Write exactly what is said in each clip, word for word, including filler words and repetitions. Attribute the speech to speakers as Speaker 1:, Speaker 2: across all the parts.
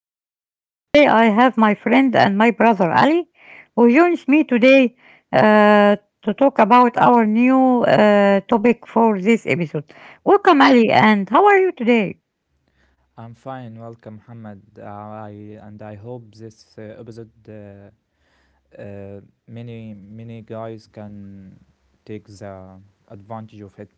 Speaker 1: Mohammed, and today I have my friend and my brother Ali, who joins me today uh, to talk about our new uh, topic for this episode. Welcome, Ali, and how are you today?
Speaker 2: I'm fine, welcome, Muhammad. Uh, I and I hope this uh, episode uh, uh, many many guys can take the advantage of it.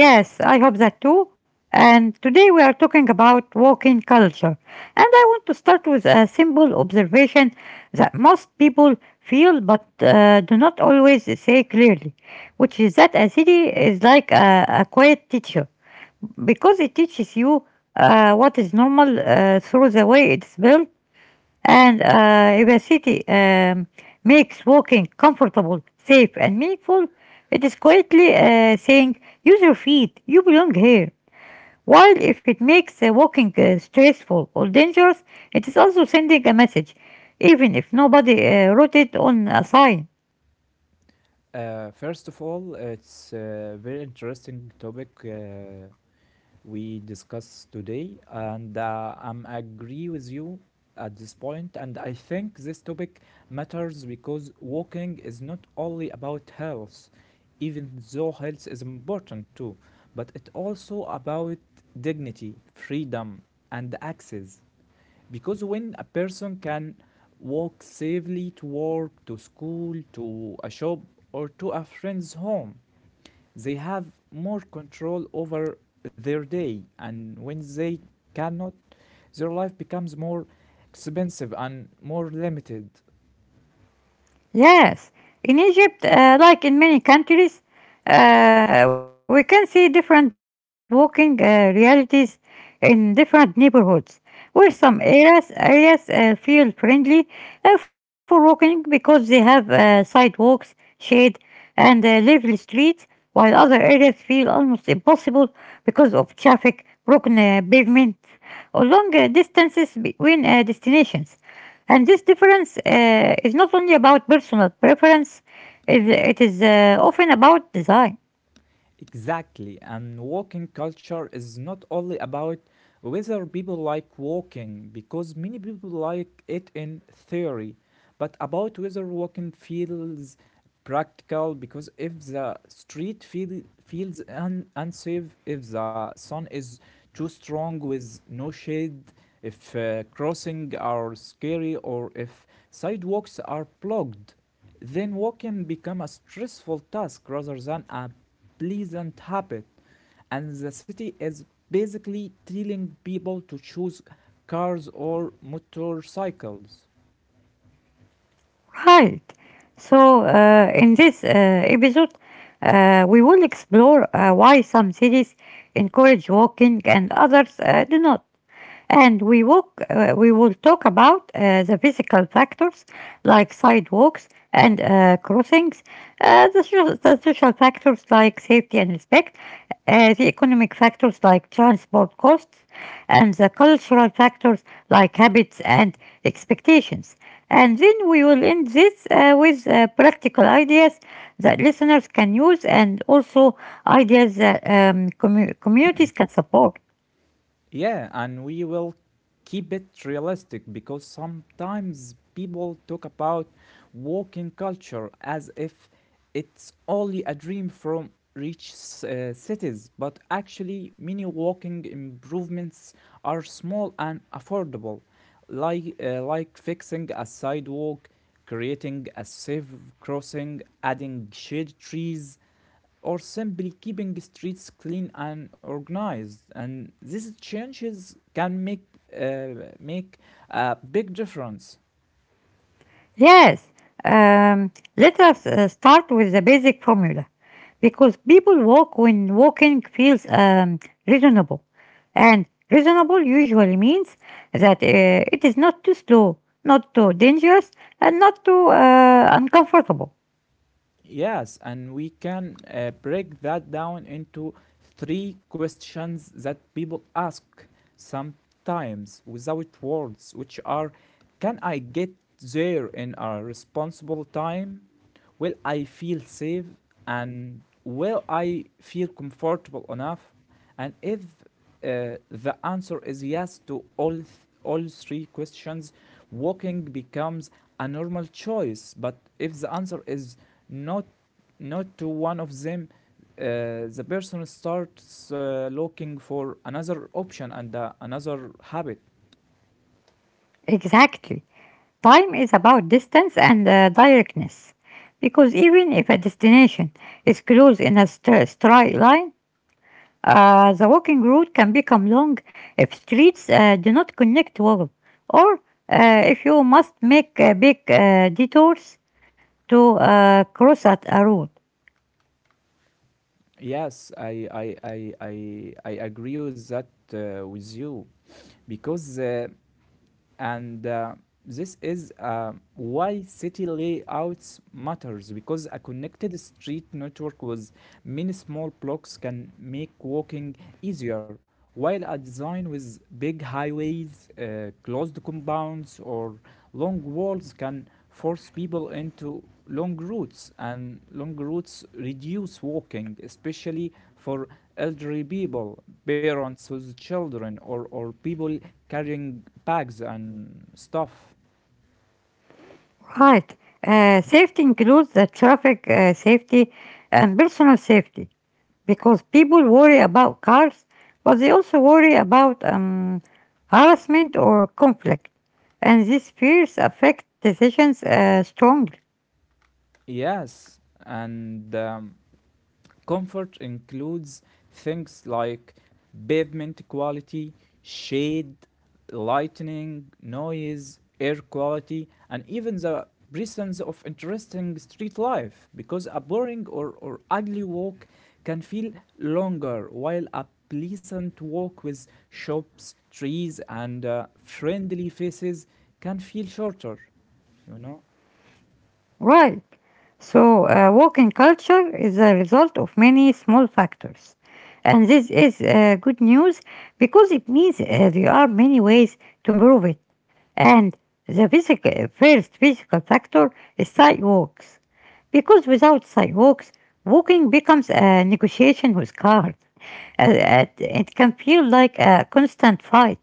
Speaker 1: Yes, I hope that too. And today we are talking about walking culture. And I want to start with a simple observation that most people feel but uh, do not always say clearly, which is that a city is like a, a quiet teacher because it teaches you uh, what is normal uh, through the way it's built and uh, if a city um, makes walking comfortable, safe, and meaningful, it is quietly uh, saying, use your feet, you belong here. While if it makes uh, walking uh, stressful or dangerous, it is also sending a message, even if nobody uh, wrote it on a sign.
Speaker 2: Uh, first of all, it's a very interesting topic. Uh, we discussed today, and uh, I'm agree with you at this point. And I think this topic matters because walking is not only about health, even though health is important too, but it also about dignity, freedom, and access. Because when a person can walk safely to work, to school, to a shop, or to a friend's home, they have more control over their day, and when they cannot, their life becomes more expensive and more limited.
Speaker 1: Yes, in Egypt, uh, like in many countries, uh, we can see different walking uh, realities in different neighborhoods, where some areas areas uh, feel friendly uh, for walking because they have uh, sidewalks, shade, and uh, level streets, while other areas feel almost impossible because of traffic, broken uh, pavement, or long uh, distances between uh, destinations. And this difference uh, is not only about personal preference, it, it is uh, often about design.
Speaker 2: Exactly, and walking culture is not only about whether people like walking, because many people like it in theory, but about whether walking feels practical, because if the street feel, feels un- unsafe, if the sun is too strong with no shade, if uh, crossing are scary, or if sidewalks are blocked, then walking become a stressful task rather than a pleasant habit, and the city is basically telling people to choose cars or motorcycles.
Speaker 1: Right. So, uh, in this uh, episode, uh, we will explore uh, why some cities encourage walking and others uh, do not. And we, walk, uh, we will talk about uh, the physical factors like sidewalks and uh, grow things. Uh, the, social, the social factors like safety and respect, uh, the economic factors like transport costs, and the cultural factors like habits and expectations. And then we will end this uh, with uh, practical ideas that listeners can use and also ideas that um, commu- communities can support.
Speaker 2: Yeah, and we will keep it realistic because sometimes people talk about walking culture as if it's only a dream from rich s- uh, cities, but actually, many walking improvements are small and affordable, like, uh, like fixing a sidewalk, creating a safe crossing, adding shade trees, or simply keeping streets clean and organized. And these changes can make uh, make a big difference.
Speaker 1: Yes, um, let us uh, start with the basic formula because people walk when walking feels um, reasonable, and reasonable usually means that uh, it is not too slow, not too dangerous, and not too uh, uncomfortable.
Speaker 2: Yes, and we can uh, break that down into three questions that people ask sometimes without words, which are, can I get there in a responsible time? Will I feel safe, and will I feel comfortable enough? And if uh, the answer is yes to all th- all three questions, walking becomes a normal choice. But if the answer is not not to one of them, uh, the person starts uh, looking for another option and uh, another habit.
Speaker 1: Exactly. Time is about distance and uh, directness because even if a destination is close in a stra- straight line, Uh, the walking route can become long if streets uh, do not connect well, or uh, if you must make uh, big uh, detours to uh, cross at a road.
Speaker 2: Yes, I I I I, I agree with that uh, with you, because uh, and uh, this is uh, why city layouts matters, because a connected street network with many small blocks can make walking easier, while a design with big highways, uh, closed compounds, or long walls can force people into long routes, and long routes reduce walking, especially for elderly people, parents with children, or, or people carrying bags and stuff.
Speaker 1: Right. Uh, safety includes the traffic uh, safety and personal safety because people worry about cars, but they also worry about um, harassment or conflict, and these fears affect decisions uh, strongly.
Speaker 2: Yes, and um, comfort includes things like pavement quality, shade, lighting, noise, air quality, and even the presence of interesting street life, because a boring or, or ugly walk can feel longer, while a pleasant walk with shops, trees, and uh, friendly faces can feel shorter, you know?
Speaker 1: Right. So, uh, walking culture is a result of many small factors. And this is uh, good news because it means uh, there are many ways to improve it. And the basic, first physical factor is sidewalks. Because without sidewalks, walking becomes a negotiation with cars. Uh, uh, it can feel like a constant fight.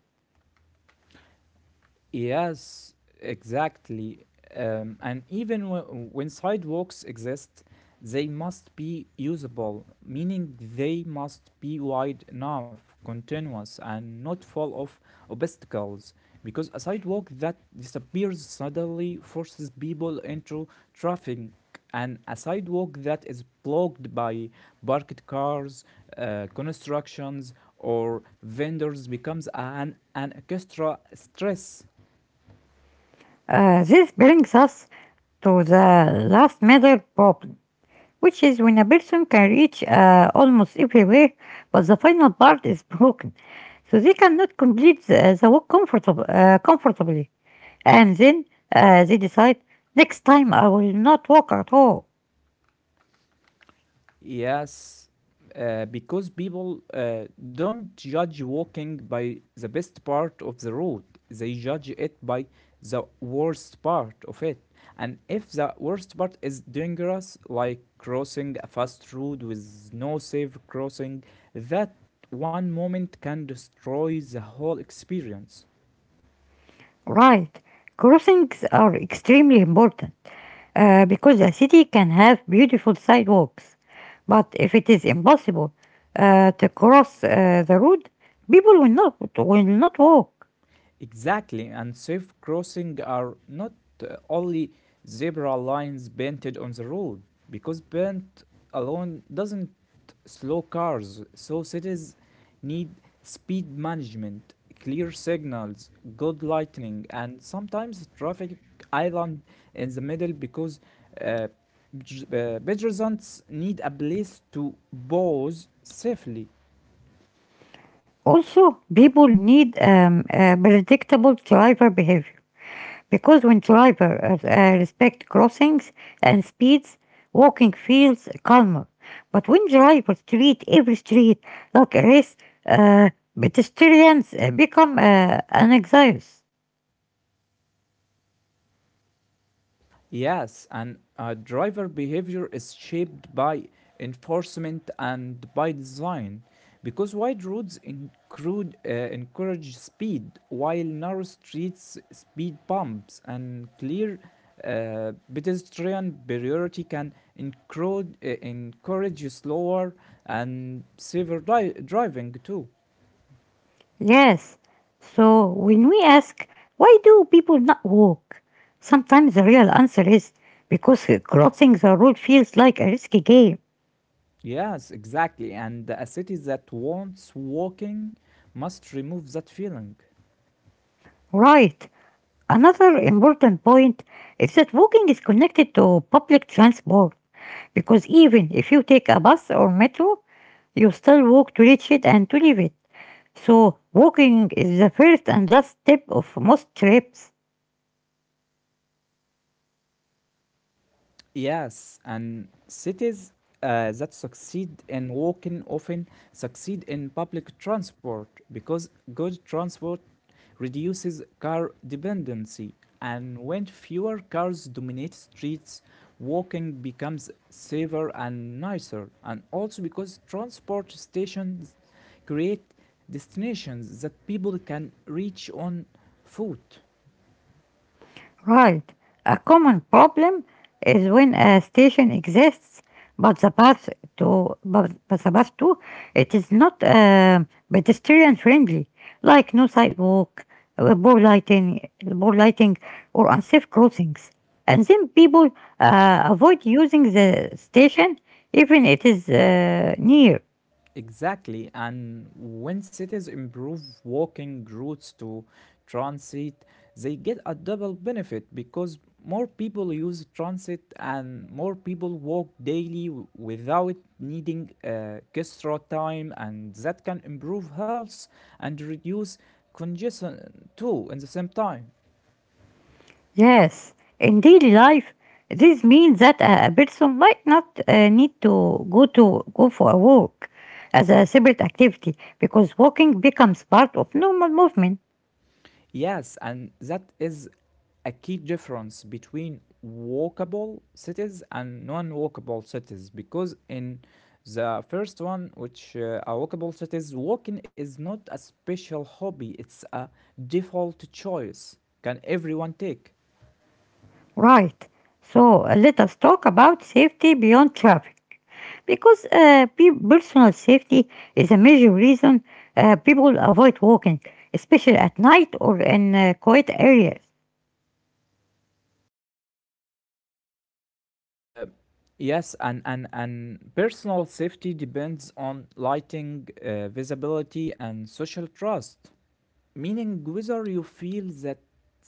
Speaker 2: Yes, exactly. Um, and even w- when sidewalks exist, they must be usable, meaning they must be wide enough, continuous, and not full of obstacles. Because a sidewalk that disappears suddenly forces people into traffic, and a sidewalk that is blocked by parked cars, uh, constructions, or vendors becomes an, an extra stress.
Speaker 1: Uh, this brings us to the last meter problem, which is when a person can reach uh, almost everywhere, but the final part is broken, so they cannot complete the, the walk comfortab- uh, comfortably. And then uh, they decide, next time I will not walk at all.
Speaker 2: Yes, uh, because people uh, don't judge walking by the best part of the road, they judge it by the worst part of it. And if the worst part is dangerous, like crossing a fast road with no safe crossing, that one moment can destroy the whole experience.
Speaker 1: Right, crossings are extremely important uh, because a city can have beautiful sidewalks, but if it is impossible uh, to cross uh, the road, people will not will not walk.
Speaker 2: Exactly, and safe crossing are not uh, only zebra lines painted on the road, because paint alone doesn't slow cars, so cities need speed management, clear signals, good lighting, and sometimes traffic island in the middle, because uh, pej- uh, pedestrians need a place to pause safely.
Speaker 1: Also, people need um, uh, predictable driver behavior because when drivers uh, uh, respect crossings and speeds, walking feels calmer. But when drivers treat every street like a race, uh, pedestrians uh, become uh, anxious.
Speaker 2: Yes, and uh, driver behavior is shaped by enforcement and by design. Because wide roads include, uh, encourage speed, while narrow streets, speed bumps, and clear uh, pedestrian priority can encroach, uh, encourage slower and safer dri- driving too.
Speaker 1: Yes, so when we ask, why do people not walk? Sometimes the real answer is because crossing the road feels like a risky game.
Speaker 2: Yes, exactly. And a city that wants walking must remove that feeling.
Speaker 1: Right. Another important point is that walking is connected to public transport because even if you take a bus or metro, you still walk to reach it and to leave it. So, walking is the first and last step of most trips.
Speaker 2: Yes, and cities uh, that succeed in walking often succeed in public transport, because good transport reduces car dependency. And when fewer cars dominate streets, walking becomes safer and nicer. And also because transport stations create destinations that people can reach on foot.
Speaker 1: Right. A common problem is when a station exists, but the path to but, but the path to it is not um pedestrian friendly, like no sidewalk, uh, poor lighting, poor lighting, or unsafe crossings. And then people uh, avoid using the station even it is uh, near.
Speaker 2: Exactly, and when cities improve walking routes to transit, they get a double benefit, because more people use transit and more people walk daily w- without needing uh, extra time, and that can improve health and reduce congestion too in the same time.
Speaker 1: Yes, indeed, life, this means that a a person might not uh, need to go to go for a walk as a separate activity because walking becomes part of normal movement.
Speaker 2: Yes, and that is a key difference between walkable cities and non-walkable cities, because in the first one, which uh, are walkable cities, walking is not a special hobby, it's a default choice. Can everyone take?
Speaker 1: Right. So uh, let us talk about safety beyond traffic because uh, pe- personal safety is a major reason uh, people avoid walking, especially at night or in uh, quiet areas.
Speaker 2: Uh, Yes, and, and, and personal safety depends on lighting, uh, visibility, and social trust, meaning whether you feel that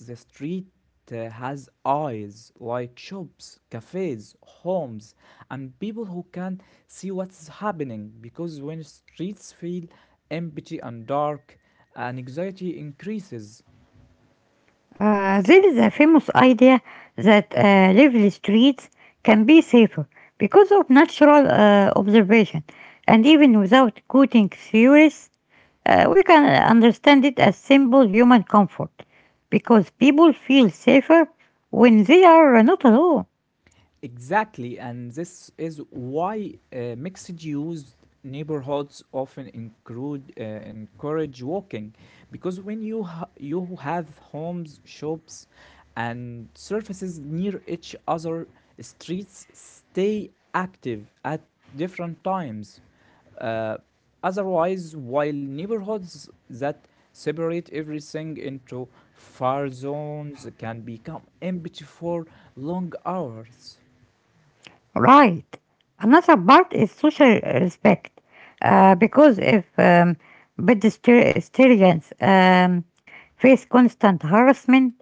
Speaker 2: the street uh, has eyes like shops, cafes, homes, and people who can see what's happening. Because when streets feel empty and dark, an anxiety increases.
Speaker 1: Uh, there is a famous idea that uh, lively streets can be safer because of natural uh, observation, and even without quoting theories, uh, we can understand it as simple human comfort because people feel safer when they are not alone.
Speaker 2: Exactly, and this is why uh, mixed use neighborhoods often include uh, encourage walking, because when you ha- you have homes, shops, and surfaces near each other, streets stay active at different times. Uh, Otherwise, while neighborhoods that separate everything into far zones can become empty for long hours.
Speaker 1: Right. Another part is social respect, uh, because if um, pedestrians um, face constant harassment,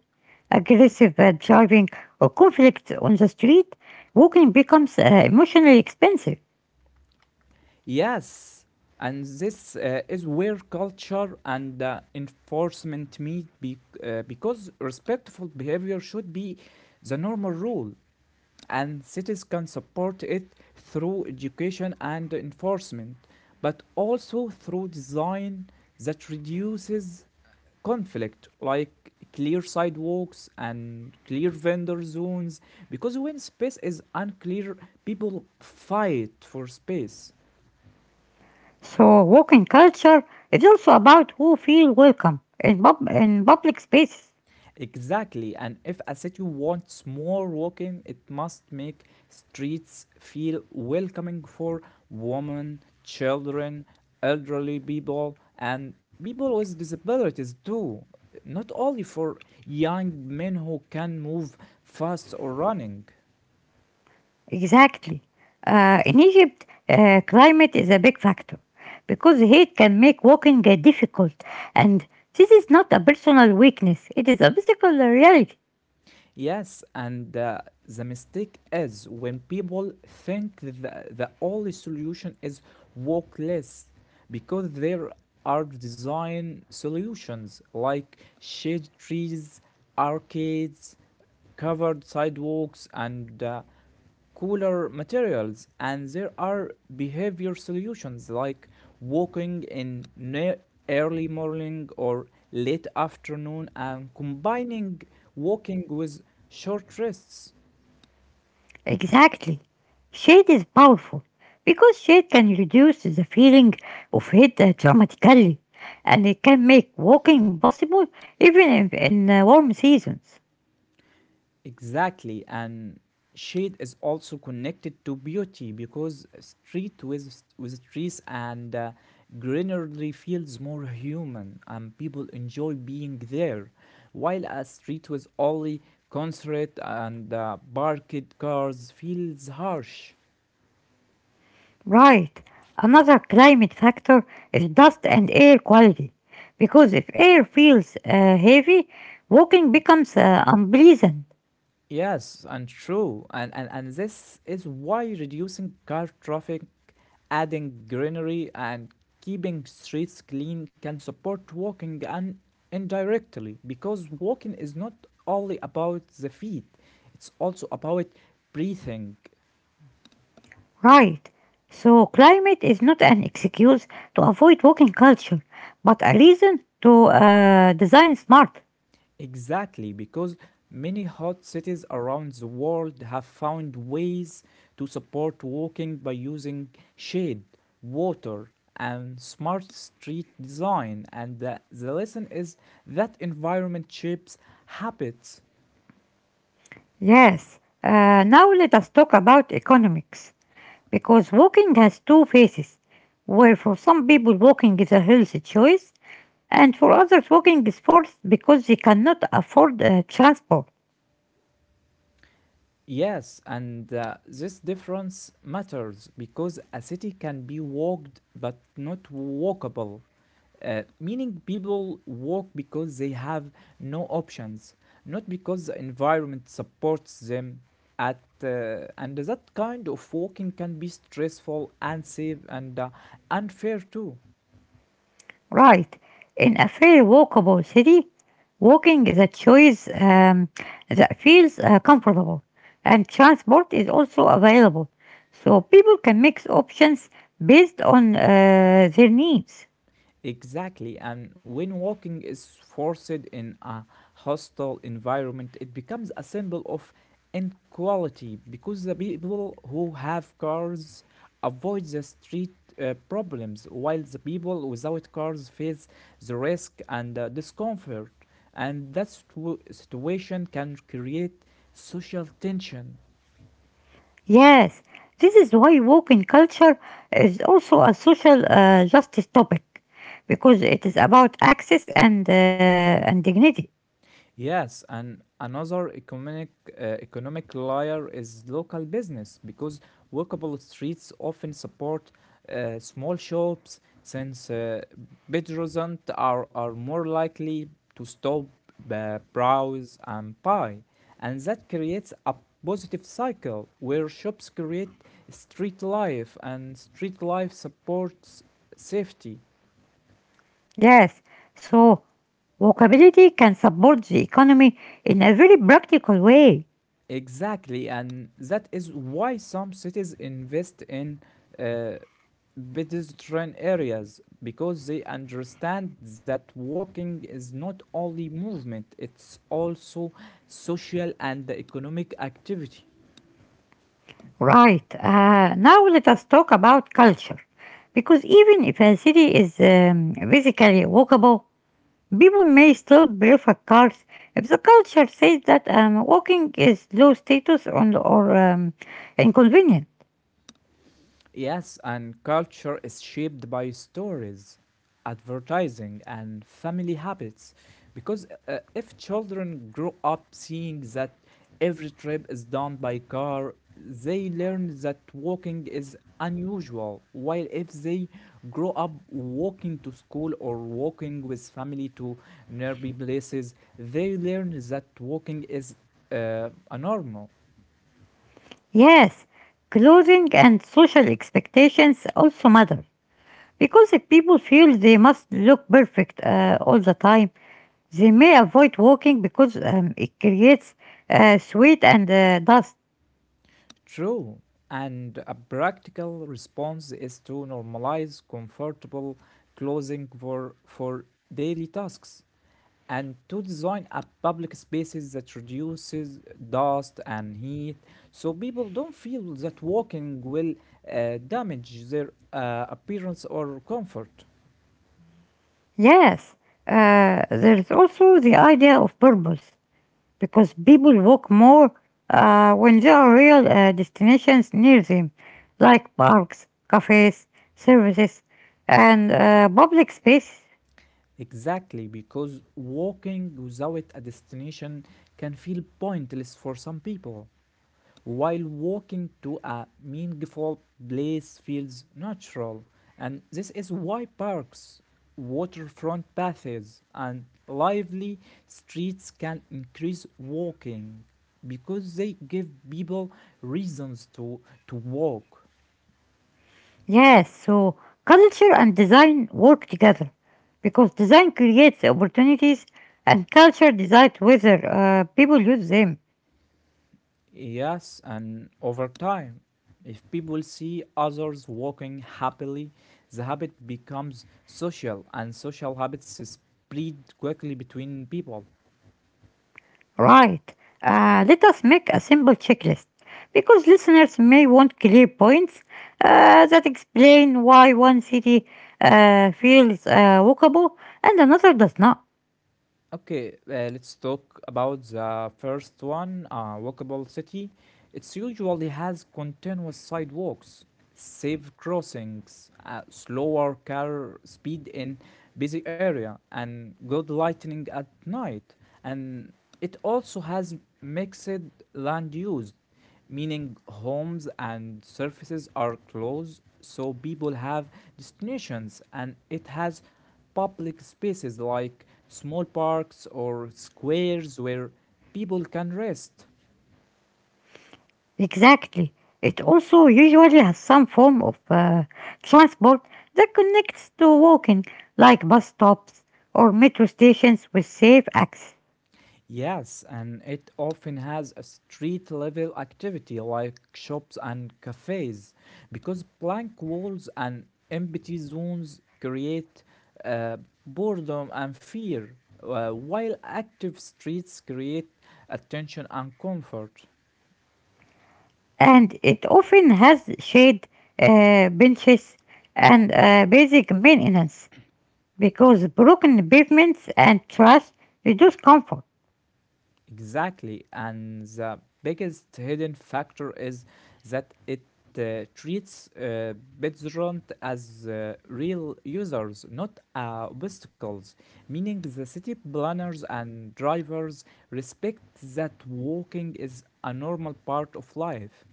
Speaker 1: aggressive uh, driving, or conflict on the street, walking becomes uh, emotionally expensive.
Speaker 2: Yes, and this uh, is where culture and uh, enforcement meet, be- uh, because respectful behavior should be the normal rule, and cities can support it through education and enforcement, but also through design that reduces conflict, like clear sidewalks and clear vendor zones, because when space is unclear, people fight for space.
Speaker 1: So, walking culture is also about who feel welcome in, pub- in public spaces.
Speaker 2: Exactly, and if a city wants more walking, it must make streets feel welcoming for women, children, elderly people, and people with disabilities too. Not only for young men who can move fast or running.
Speaker 1: Exactly. Uh, in Egypt, uh, climate is a big factor because heat can make walking uh, difficult, and this is not a personal weakness, it is a physical reality.
Speaker 2: Yes, and uh, the mistake is when people think the, the only solution is walk less, because there are design solutions like shade trees, arcades, covered sidewalks, and uh, cooler materials, and there are behavior solutions like walking in early morning or late afternoon and combining walking with short rests.
Speaker 1: Exactly. Shade is powerful because shade can reduce the feeling of heat uh, dramatically, and it can make walking possible even in, in uh, warm seasons.
Speaker 2: Exactly, and shade is also connected to beauty, because street with with trees and uh, greenery feels more human, and people enjoy being there. While a street with only concert and uh, parked cars feels harsh.
Speaker 1: Right. Another climate factor is dust and air quality. Because if air feels uh, heavy, walking becomes uh, unpleasant.
Speaker 2: Yes, and true. And, and, and this is why reducing car traffic, adding greenery, and keeping streets clean can support walking and indirectly, because walking is not only about the feet, it's also about breathing.
Speaker 1: Right. So, climate is not an excuse to avoid walking culture, but a reason to uh, design smart.
Speaker 2: Exactly, because many hot cities around the world have found ways to support walking by using shade, water, and smart street design. And the, the lesson is that environment shapes habits.
Speaker 1: Yes, uh, now let us talk about economics. Because walking has two faces, where for some people walking is a healthy choice, and for others walking is forced because they cannot afford uh, transport.
Speaker 2: Yes, and uh, this difference matters because a city can be walked but not walkable, uh, meaning people walk because they have no options, not because the environment supports them. At uh, and that kind of walking can be stressful, unsafe, and uh, unfair too.
Speaker 1: Right, in a fairly walkable city, walking is a choice um, that feels uh, comfortable, and transport is also available, so people can mix options based on uh, their needs.
Speaker 2: Exactly, and when walking is forced in a hostile environment, it becomes a symbol of inequality, because the people who have cars avoid the street uh, problems, while the people without cars face the risk and uh, discomfort. And that situ- situation can create social tension.
Speaker 1: Yes, this is why walk in culture is also a social uh, justice topic because it is about access and uh, and dignity.
Speaker 2: Yes, and another economic uh, economic layer is local business, because walkable streets often support uh, small shops, since uh, pedestrians are, are more likely to stop, uh, browse, and buy, and that creates a positive cycle where shops create street life and street life supports safety.
Speaker 1: Yes, so walkability can support the economy in a very practical way.
Speaker 2: Exactly, and that is why some cities invest in uh, pedestrian areas, because they understand that walking is not only movement, it's also social and economic activity.
Speaker 1: Right. Uh, now let us talk about culture, because even if a city is um, physically walkable, people may still prefer cars if the culture says that um, walking is low status on, or um, inconvenient.
Speaker 2: Yes, and culture is shaped by stories, advertising, and family habits. Because uh, if children grow up seeing that every trip is done by car, they learn that walking is unusual. While if they grow up walking to school or walking with family to nearby places, they learn that walking is uh, a normal.
Speaker 1: Yes, clothing and social expectations also matter. Because if people feel they must look perfect uh, all the time, they may avoid walking because um, it creates uh, sweat and uh, dust.
Speaker 2: True. And a practical response is to normalize comfortable clothing for, for daily tasks, and to design a public spaces that reduces dust and heat, so people don't feel that walking will uh, damage their uh, appearance or comfort.
Speaker 1: Yes, uh, there is also the idea of purpose, because people walk more uh, when there are real uh, destinations near them, like parks, cafes, services, and uh, public spaces.
Speaker 2: Exactly, because walking without a destination can feel pointless for some people. While walking to a meaningful place feels natural, and this is why parks, waterfront paths, and lively streets can increase walking, because they give people reasons to, to walk.
Speaker 1: Yes, so culture and design work together because design creates opportunities and culture decides whether uh, people use them.
Speaker 2: Yes, and over time, if people see others walking happily, the habit becomes social, and social habits spread quickly between people.
Speaker 1: Right. Uh, let us make a simple checklist because listeners may want clear points uh, that explain why one city uh, feels uh, walkable and another does not.
Speaker 2: Okay, uh, let's talk about the first one, uh, walkable city. It usually has continuous sidewalks, safe crossings, uh, slower car speed in busy area, and good lighting at night. And it also has mixed land use, meaning homes and surfaces are close, so people have destinations, and it has public spaces like small parks or squares where people can rest.
Speaker 1: Exactly. It also usually has some form of uh, transport that connects to walking, like bus stops or metro stations with safe access.
Speaker 2: Yes, and it often has a street level activity like shops and cafes because blank walls and empty zones create uh, boredom and fear, uh, while active streets create attention and comfort.
Speaker 1: And it often has shade, uh, benches, and uh, basic maintenance, because broken pavements and trash reduce comfort.
Speaker 2: Exactly. And the biggest hidden factor is that it uh, treats uh, BitZorant as uh, real users, not uh, obstacles, meaning the city planners and drivers respect that walking is a normal part of life.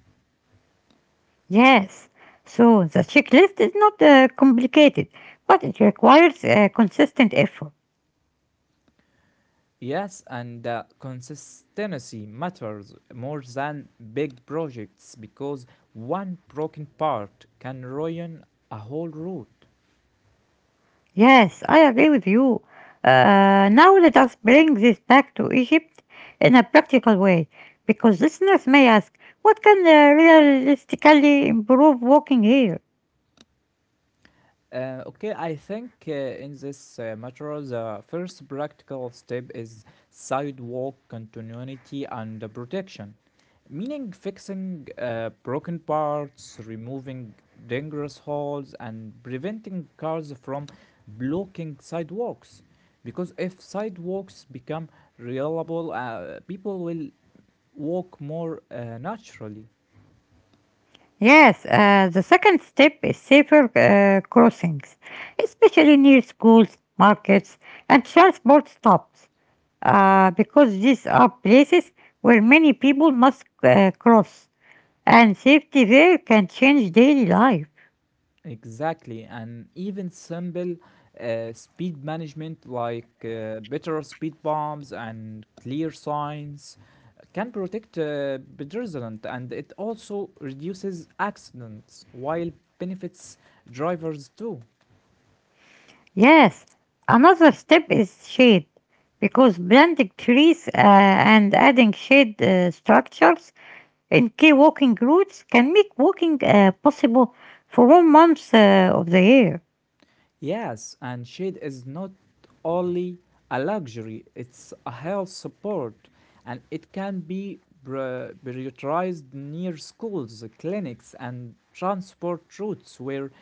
Speaker 1: Yes, so the checklist is not uh, complicated, but it requires uh, consistent effort.
Speaker 2: Yes, and uh, consistency matters more than big projects because one broken part can ruin a whole route.
Speaker 1: Yes, I agree with you. Uh, now let us bring this back to Egypt in a practical way, because listeners may ask, what can uh, realistically improve walking here?
Speaker 2: Uh, okay, I think uh, in this uh, matter, the first practical step is sidewalk continuity and uh, protection, meaning fixing uh, broken parts, removing dangerous holes, and preventing cars from blocking sidewalks. Because if sidewalks become reliable, uh, people will walk more uh, naturally.
Speaker 1: Yes, uh, the second step is safer uh, crossings, especially near schools, markets, and transport stops, uh, because these are places where many people must uh, cross, and safety there can change daily life.
Speaker 2: Exactly, and even simple uh, speed management like uh, better speed bumps and clear signs can protect uh, pedestrians and it also reduces accidents while benefits drivers too.
Speaker 1: Yes, another step is shade, because planting trees uh, and adding shade uh, structures in key walking routes can make walking uh, possible for all months uh, of the year.
Speaker 2: Yes, and shade is not only a luxury, it's a health support, and it can be pri- prioritized near schools, clinics, and transport routes where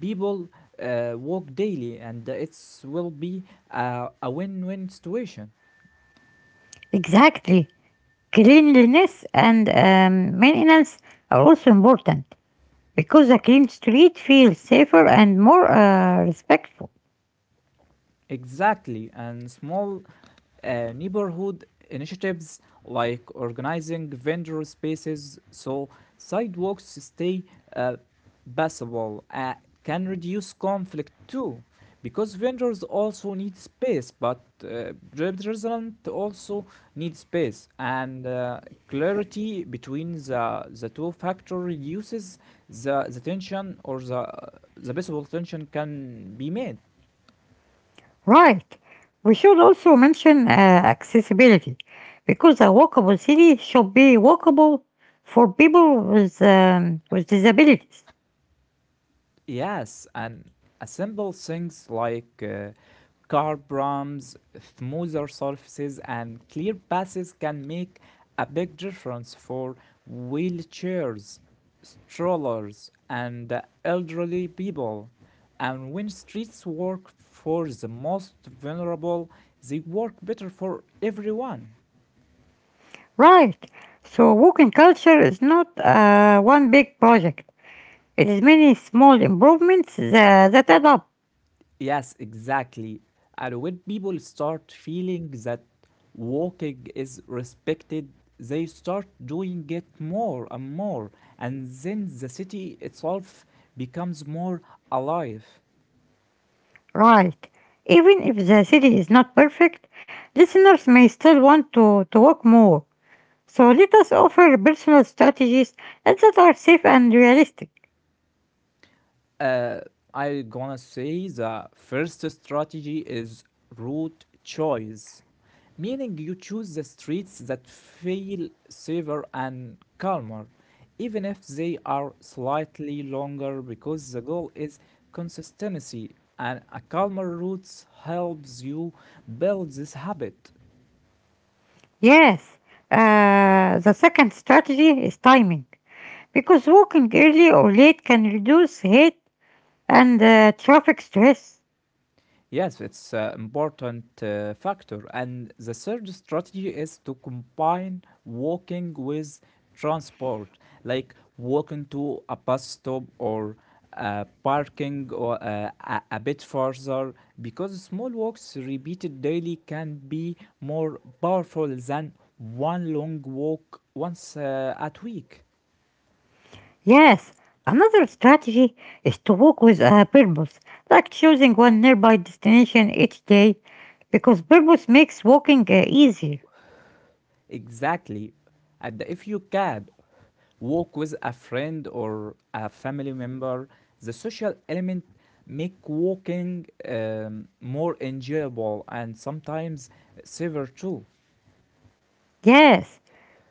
Speaker 2: people uh, walk daily, and it will be a, a win win situation.
Speaker 1: Exactly. Cleanliness and um, maintenance are also important because a clean street feels safer and more uh, respectful.
Speaker 2: Exactly, and small uh, neighborhood initiatives like organizing vendor spaces so sidewalks stay uh, passable uh, can reduce conflict too, because vendors also need space, but uh, representatives also need space, and uh, clarity between the the two factor reduces the the tension or the the possible tension can be made.
Speaker 1: Right. We should also mention uh, accessibility because a walkable city should be walkable for people with, um, with disabilities.
Speaker 2: Yes, and assemble things like uh, carbrams, smoother surfaces, and clear passes can make a big difference for wheelchairs, strollers, and uh, elderly people. And when streets work for the most vulnerable, they work better for everyone.
Speaker 1: Right. So, walking culture is not uh, one big project, it is many small improvements tha- that add up.
Speaker 2: Yes, exactly. And when people start feeling that walking is respected, they start doing it more and more, and then the city itself becomes more alive.
Speaker 1: Right. Even if the city is not perfect, listeners may still want to, to walk more. So let us offer personal strategies that are safe and realistic.
Speaker 2: Uh, I gonna say the first strategy is route choice. Meaning you choose the streets that feel safer and calmer, even if they are slightly longer, because the goal is consistency, and a calmer route helps you build this habit.
Speaker 1: Yes, uh, the second strategy is timing, because walking early or late can reduce heat and uh, traffic stress.
Speaker 2: Yes, it's an important uh, factor. And the third strategy is to combine walking with transport, like walking to a bus stop or uh, parking or uh, a, a bit further, because small walks repeated daily can be more powerful than one long walk once uh, at week.
Speaker 1: Yes, another strategy is to walk with a purpose, like choosing one nearby destination each day, because purpose makes walking uh, easier.
Speaker 2: Exactly. And if you can walk with a friend or a family member, the social element make walking um, more enjoyable and sometimes safer too.
Speaker 1: Yes,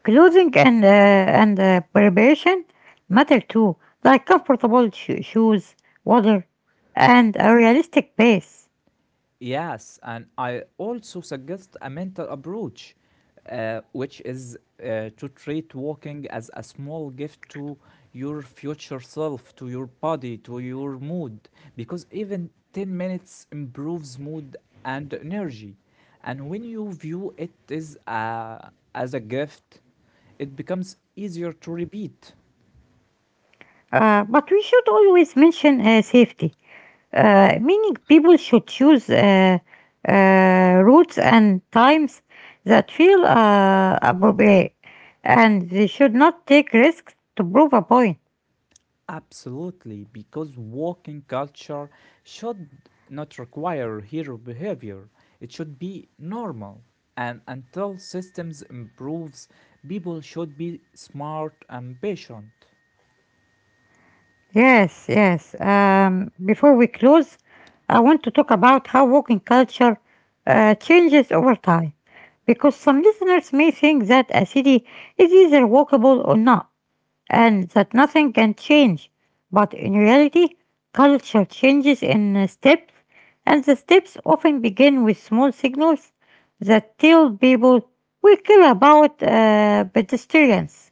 Speaker 1: clothing and uh, and uh, preparation matter too, like comfortable sho- shoes, water, and a realistic pace.
Speaker 2: Yes, and I also suggest a mental approach, uh, which is uh, to treat walking as a small gift to your future self, to your body, to your mood, because even ten minutes improves mood and energy. And when you view it as a, as a gift, it becomes easier to repeat.
Speaker 1: Uh, but we should always mention uh, safety, uh, meaning people should choose uh, uh, routes and times that feel uh, appropriate, and they should not take risks to prove a point.
Speaker 2: Absolutely, because walking culture should not require hero behavior. It should be normal. And until systems improves, people should be smart and patient.
Speaker 1: Yes, yes. Um, before we close, I want to talk about how walking culture uh, changes over time. Because some listeners may think that a city is either walkable or not, and that nothing can change. But in reality, culture changes in uh, steps, and the steps often begin with small signals that tell people we care about uh, pedestrians.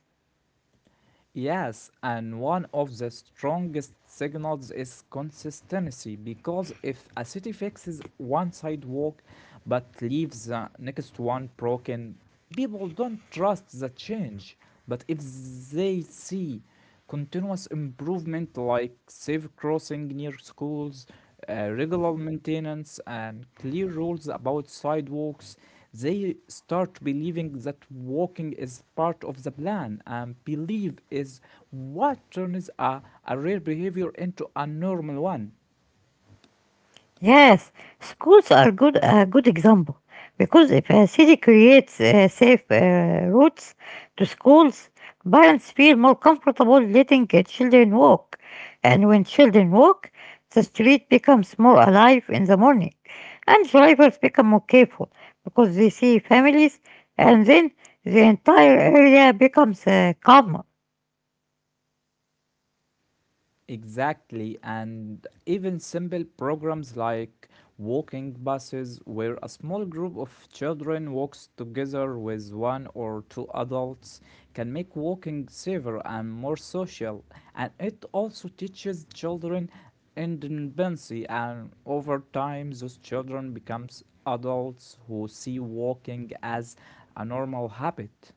Speaker 2: Yes, and one of the strongest signals is consistency because if a city fixes one sidewalk but leaves the next one broken, people don't trust the change. But if they see continuous improvement like safe crossing near schools, uh, regular maintenance, and clear rules about sidewalks, they start believing that walking is part of the plan, and belief is what turns a, a rare behavior into a normal one.
Speaker 1: Yes, schools are good a good example because if a city creates uh, safe uh, routes to schools, parents feel more comfortable letting uh, children walk, and when children walk, the street becomes more alive in the morning, and drivers become more careful because they see families, and then the entire area becomes uh, calmer.
Speaker 2: Exactly, and even simple programs like walking buses, where a small group of children walks together with one or two adults, can make walking safer and more social. And it also teaches children independence, and over time, those children becomes adults who see walking as a normal habit.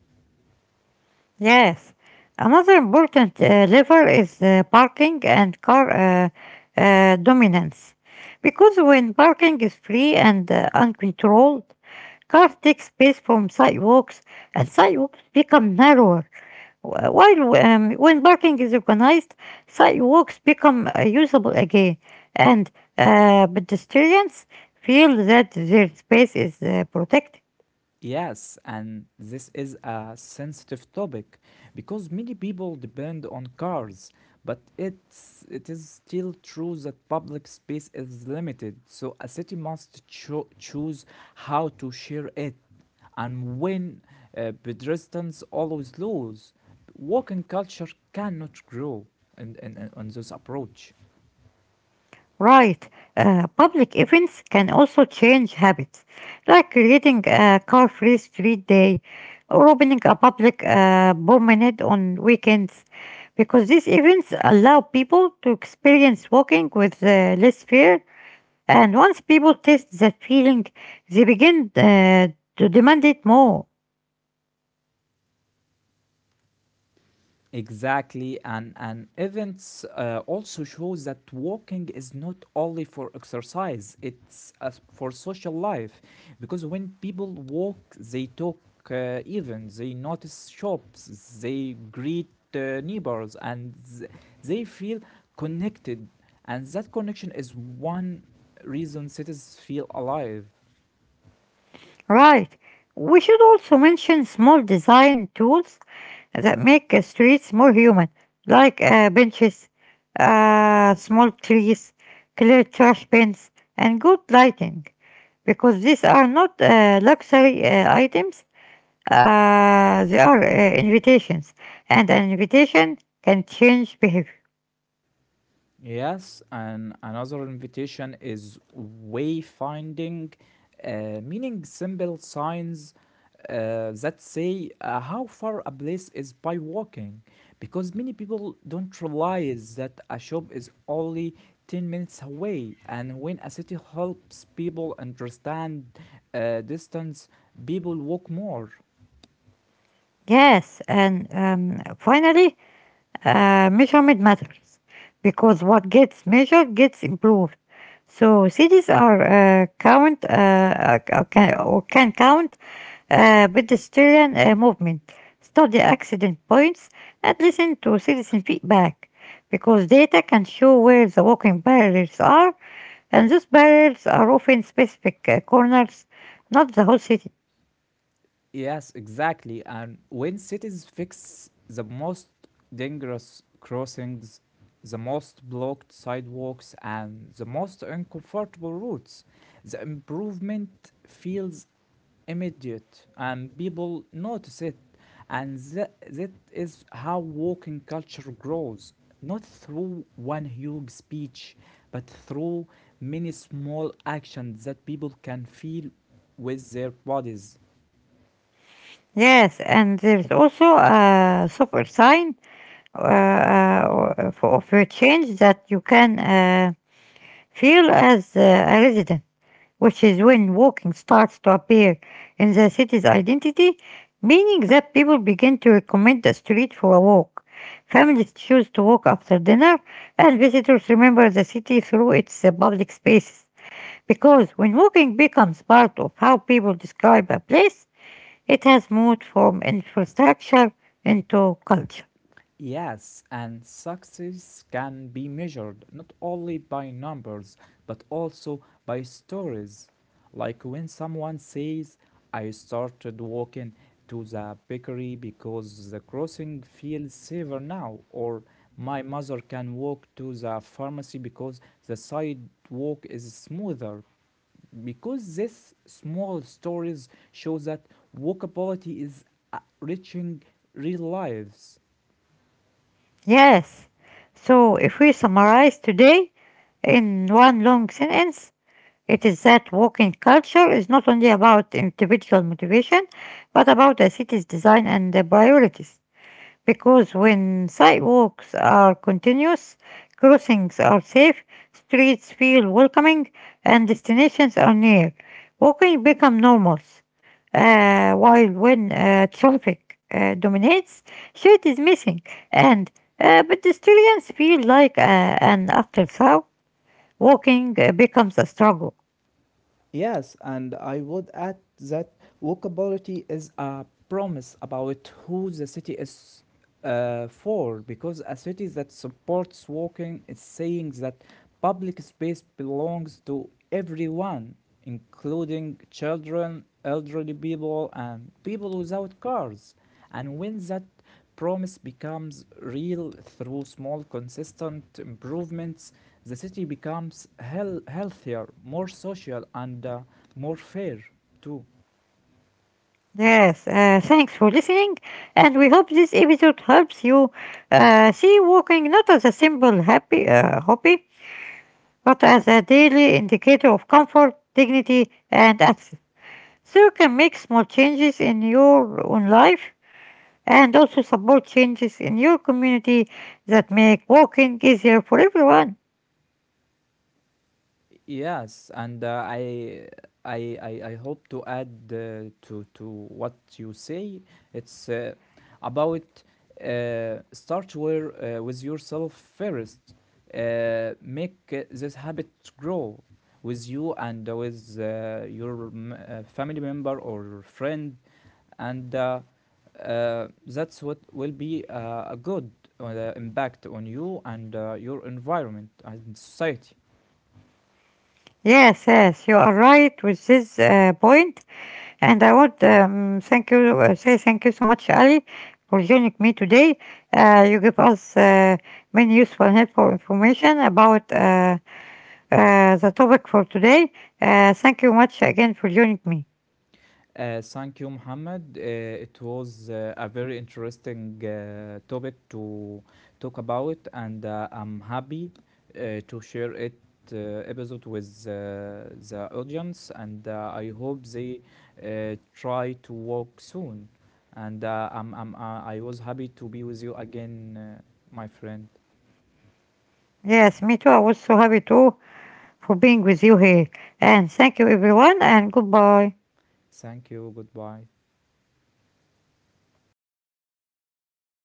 Speaker 1: Yes. Another important uh, lever is uh, parking and car uh, uh, dominance. Because when parking is free and uh, uncontrolled, cars take space from sidewalks and sidewalks become narrower. Wh- While um, when parking is organized, sidewalks become uh, usable again and uh, pedestrians feel that their space is uh, protected.
Speaker 2: Yes, and this is a sensitive topic because many people depend on cars, but it's it is still true that public space is limited, so a city must cho- choose how to share it. And when uh, pedestrians always lose, walking culture cannot grow in, in, in- on this approach.
Speaker 1: Right. Uh, public events can also change habits, like creating a car free street day or opening a public uh, promenade on weekends, because these events allow people to experience walking with uh, less fear. And once people taste that feeling, they begin uh, to demand it more.
Speaker 2: Exactly, and and events uh, also shows that walking is not only for exercise; it's as for social life, because when people walk, they talk uh, even, they notice shops, they greet uh, neighbors, and th- they feel connected. And that connection is one reason cities feel alive.
Speaker 1: Right. We should also mention small design tools that make uh, streets more human, like uh, benches, uh, small trees, clear trash bins, and good lighting, because these are not uh, luxury uh, items, uh, they are uh, invitations, and an invitation can change behavior.
Speaker 2: Yes, and another invitation is wayfinding, uh, meaning simple signs uh, that say uh, how far a place is by walking. Because many people don't realize that a shop is only ten minutes away, and when a city helps people understand uh, distance, people walk more.
Speaker 1: Yes, and um, finally, uh, measurement matters because what gets measured gets improved. So cities are uh, count uh, uh, or can, or can count uh, pedestrian uh, movement, study accident points, and listen to citizen feedback because data can show where the walking barriers are, and those barriers are often specific uh, corners, not the whole city.
Speaker 2: Yes, exactly. And when cities fix the most dangerous crossings, the most blocked sidewalks, and the most uncomfortable routes, the improvement feels immediate and people notice it. And that, that is how walking culture grows not through one huge speech, but through many small actions that people can feel with their bodies.
Speaker 1: Yes, and there's also a software sign uh, uh, or- for, for a change that you can uh, feel as uh, a resident, which is when walking starts to appear in the city's identity, meaning that people begin to recommend the street for a walk. Families choose to walk after dinner, and visitors remember the city through its uh, public spaces. Because when walking becomes part of how people describe a place, it has moved from infrastructure into culture.
Speaker 2: Yes, and success can be measured not only by numbers but also by stories. Like when someone says, I started walking to the bakery because the crossing feels safer now, or my mother can walk to the pharmacy because the sidewalk is smoother. Because these small stories show that walkability is uh, reaching real lives.
Speaker 1: Yes. So if we summarize today in one long sentence, it is that walking culture is not only about individual motivation, but about the city's design and the priorities because when sidewalks are continuous, crossings are safe, streets feel welcoming, and destinations are near. Walking becomes normal, uh, while when uh, traffic uh, dominates, shade is missing, and uh, pedestrians feel like uh, an afterthought. Walking uh, becomes a struggle.
Speaker 2: Yes, and I would add that walkability is a promise about who the city is uh, for, because a city that supports walking is saying that public space belongs to everyone, including children, elderly people, and people without cars. And when that promise becomes real through small, consistent improvements, the city becomes heal- healthier, more social, and uh, more fair too.
Speaker 1: Yes, uh, thanks for listening, and we hope this episode helps you uh, see walking not as a simple happy uh, hobby, but as a daily indicator of comfort, dignity, and access. So you can make small changes in your own life and also support changes in your community that make walking easier for everyone.
Speaker 2: Yes, and uh, I, I, I, I hope to add uh, to to what you say. It's uh, about uh, start where, uh, with yourself first. Uh, make uh, this habit grow with you and with uh, your m- uh, family member or friend and uh, uh, that's what will be uh, a good uh, impact on you and uh, your environment and society.
Speaker 1: Yes, yes, you are right with this uh, point. And I would um, thank you, uh, say thank you so much, Ali, for joining me today. Uh, you give us uh, many useful and helpful information about uh, uh, the topic for today. Uh, thank you much again for joining me.
Speaker 2: Uh, thank you, Muhammad. Uh, it was uh, a very interesting uh, topic to talk about, and uh, I'm happy uh, to share it uh, episode with uh, the audience, and uh, I hope they uh, try to walk soon. And uh, I'm, I'm, uh, I was happy to be with you again, uh, my friend.
Speaker 1: Yes, me too. I was so happy too for being with you here. And thank you, everyone, and goodbye.
Speaker 2: Thank you. Goodbye.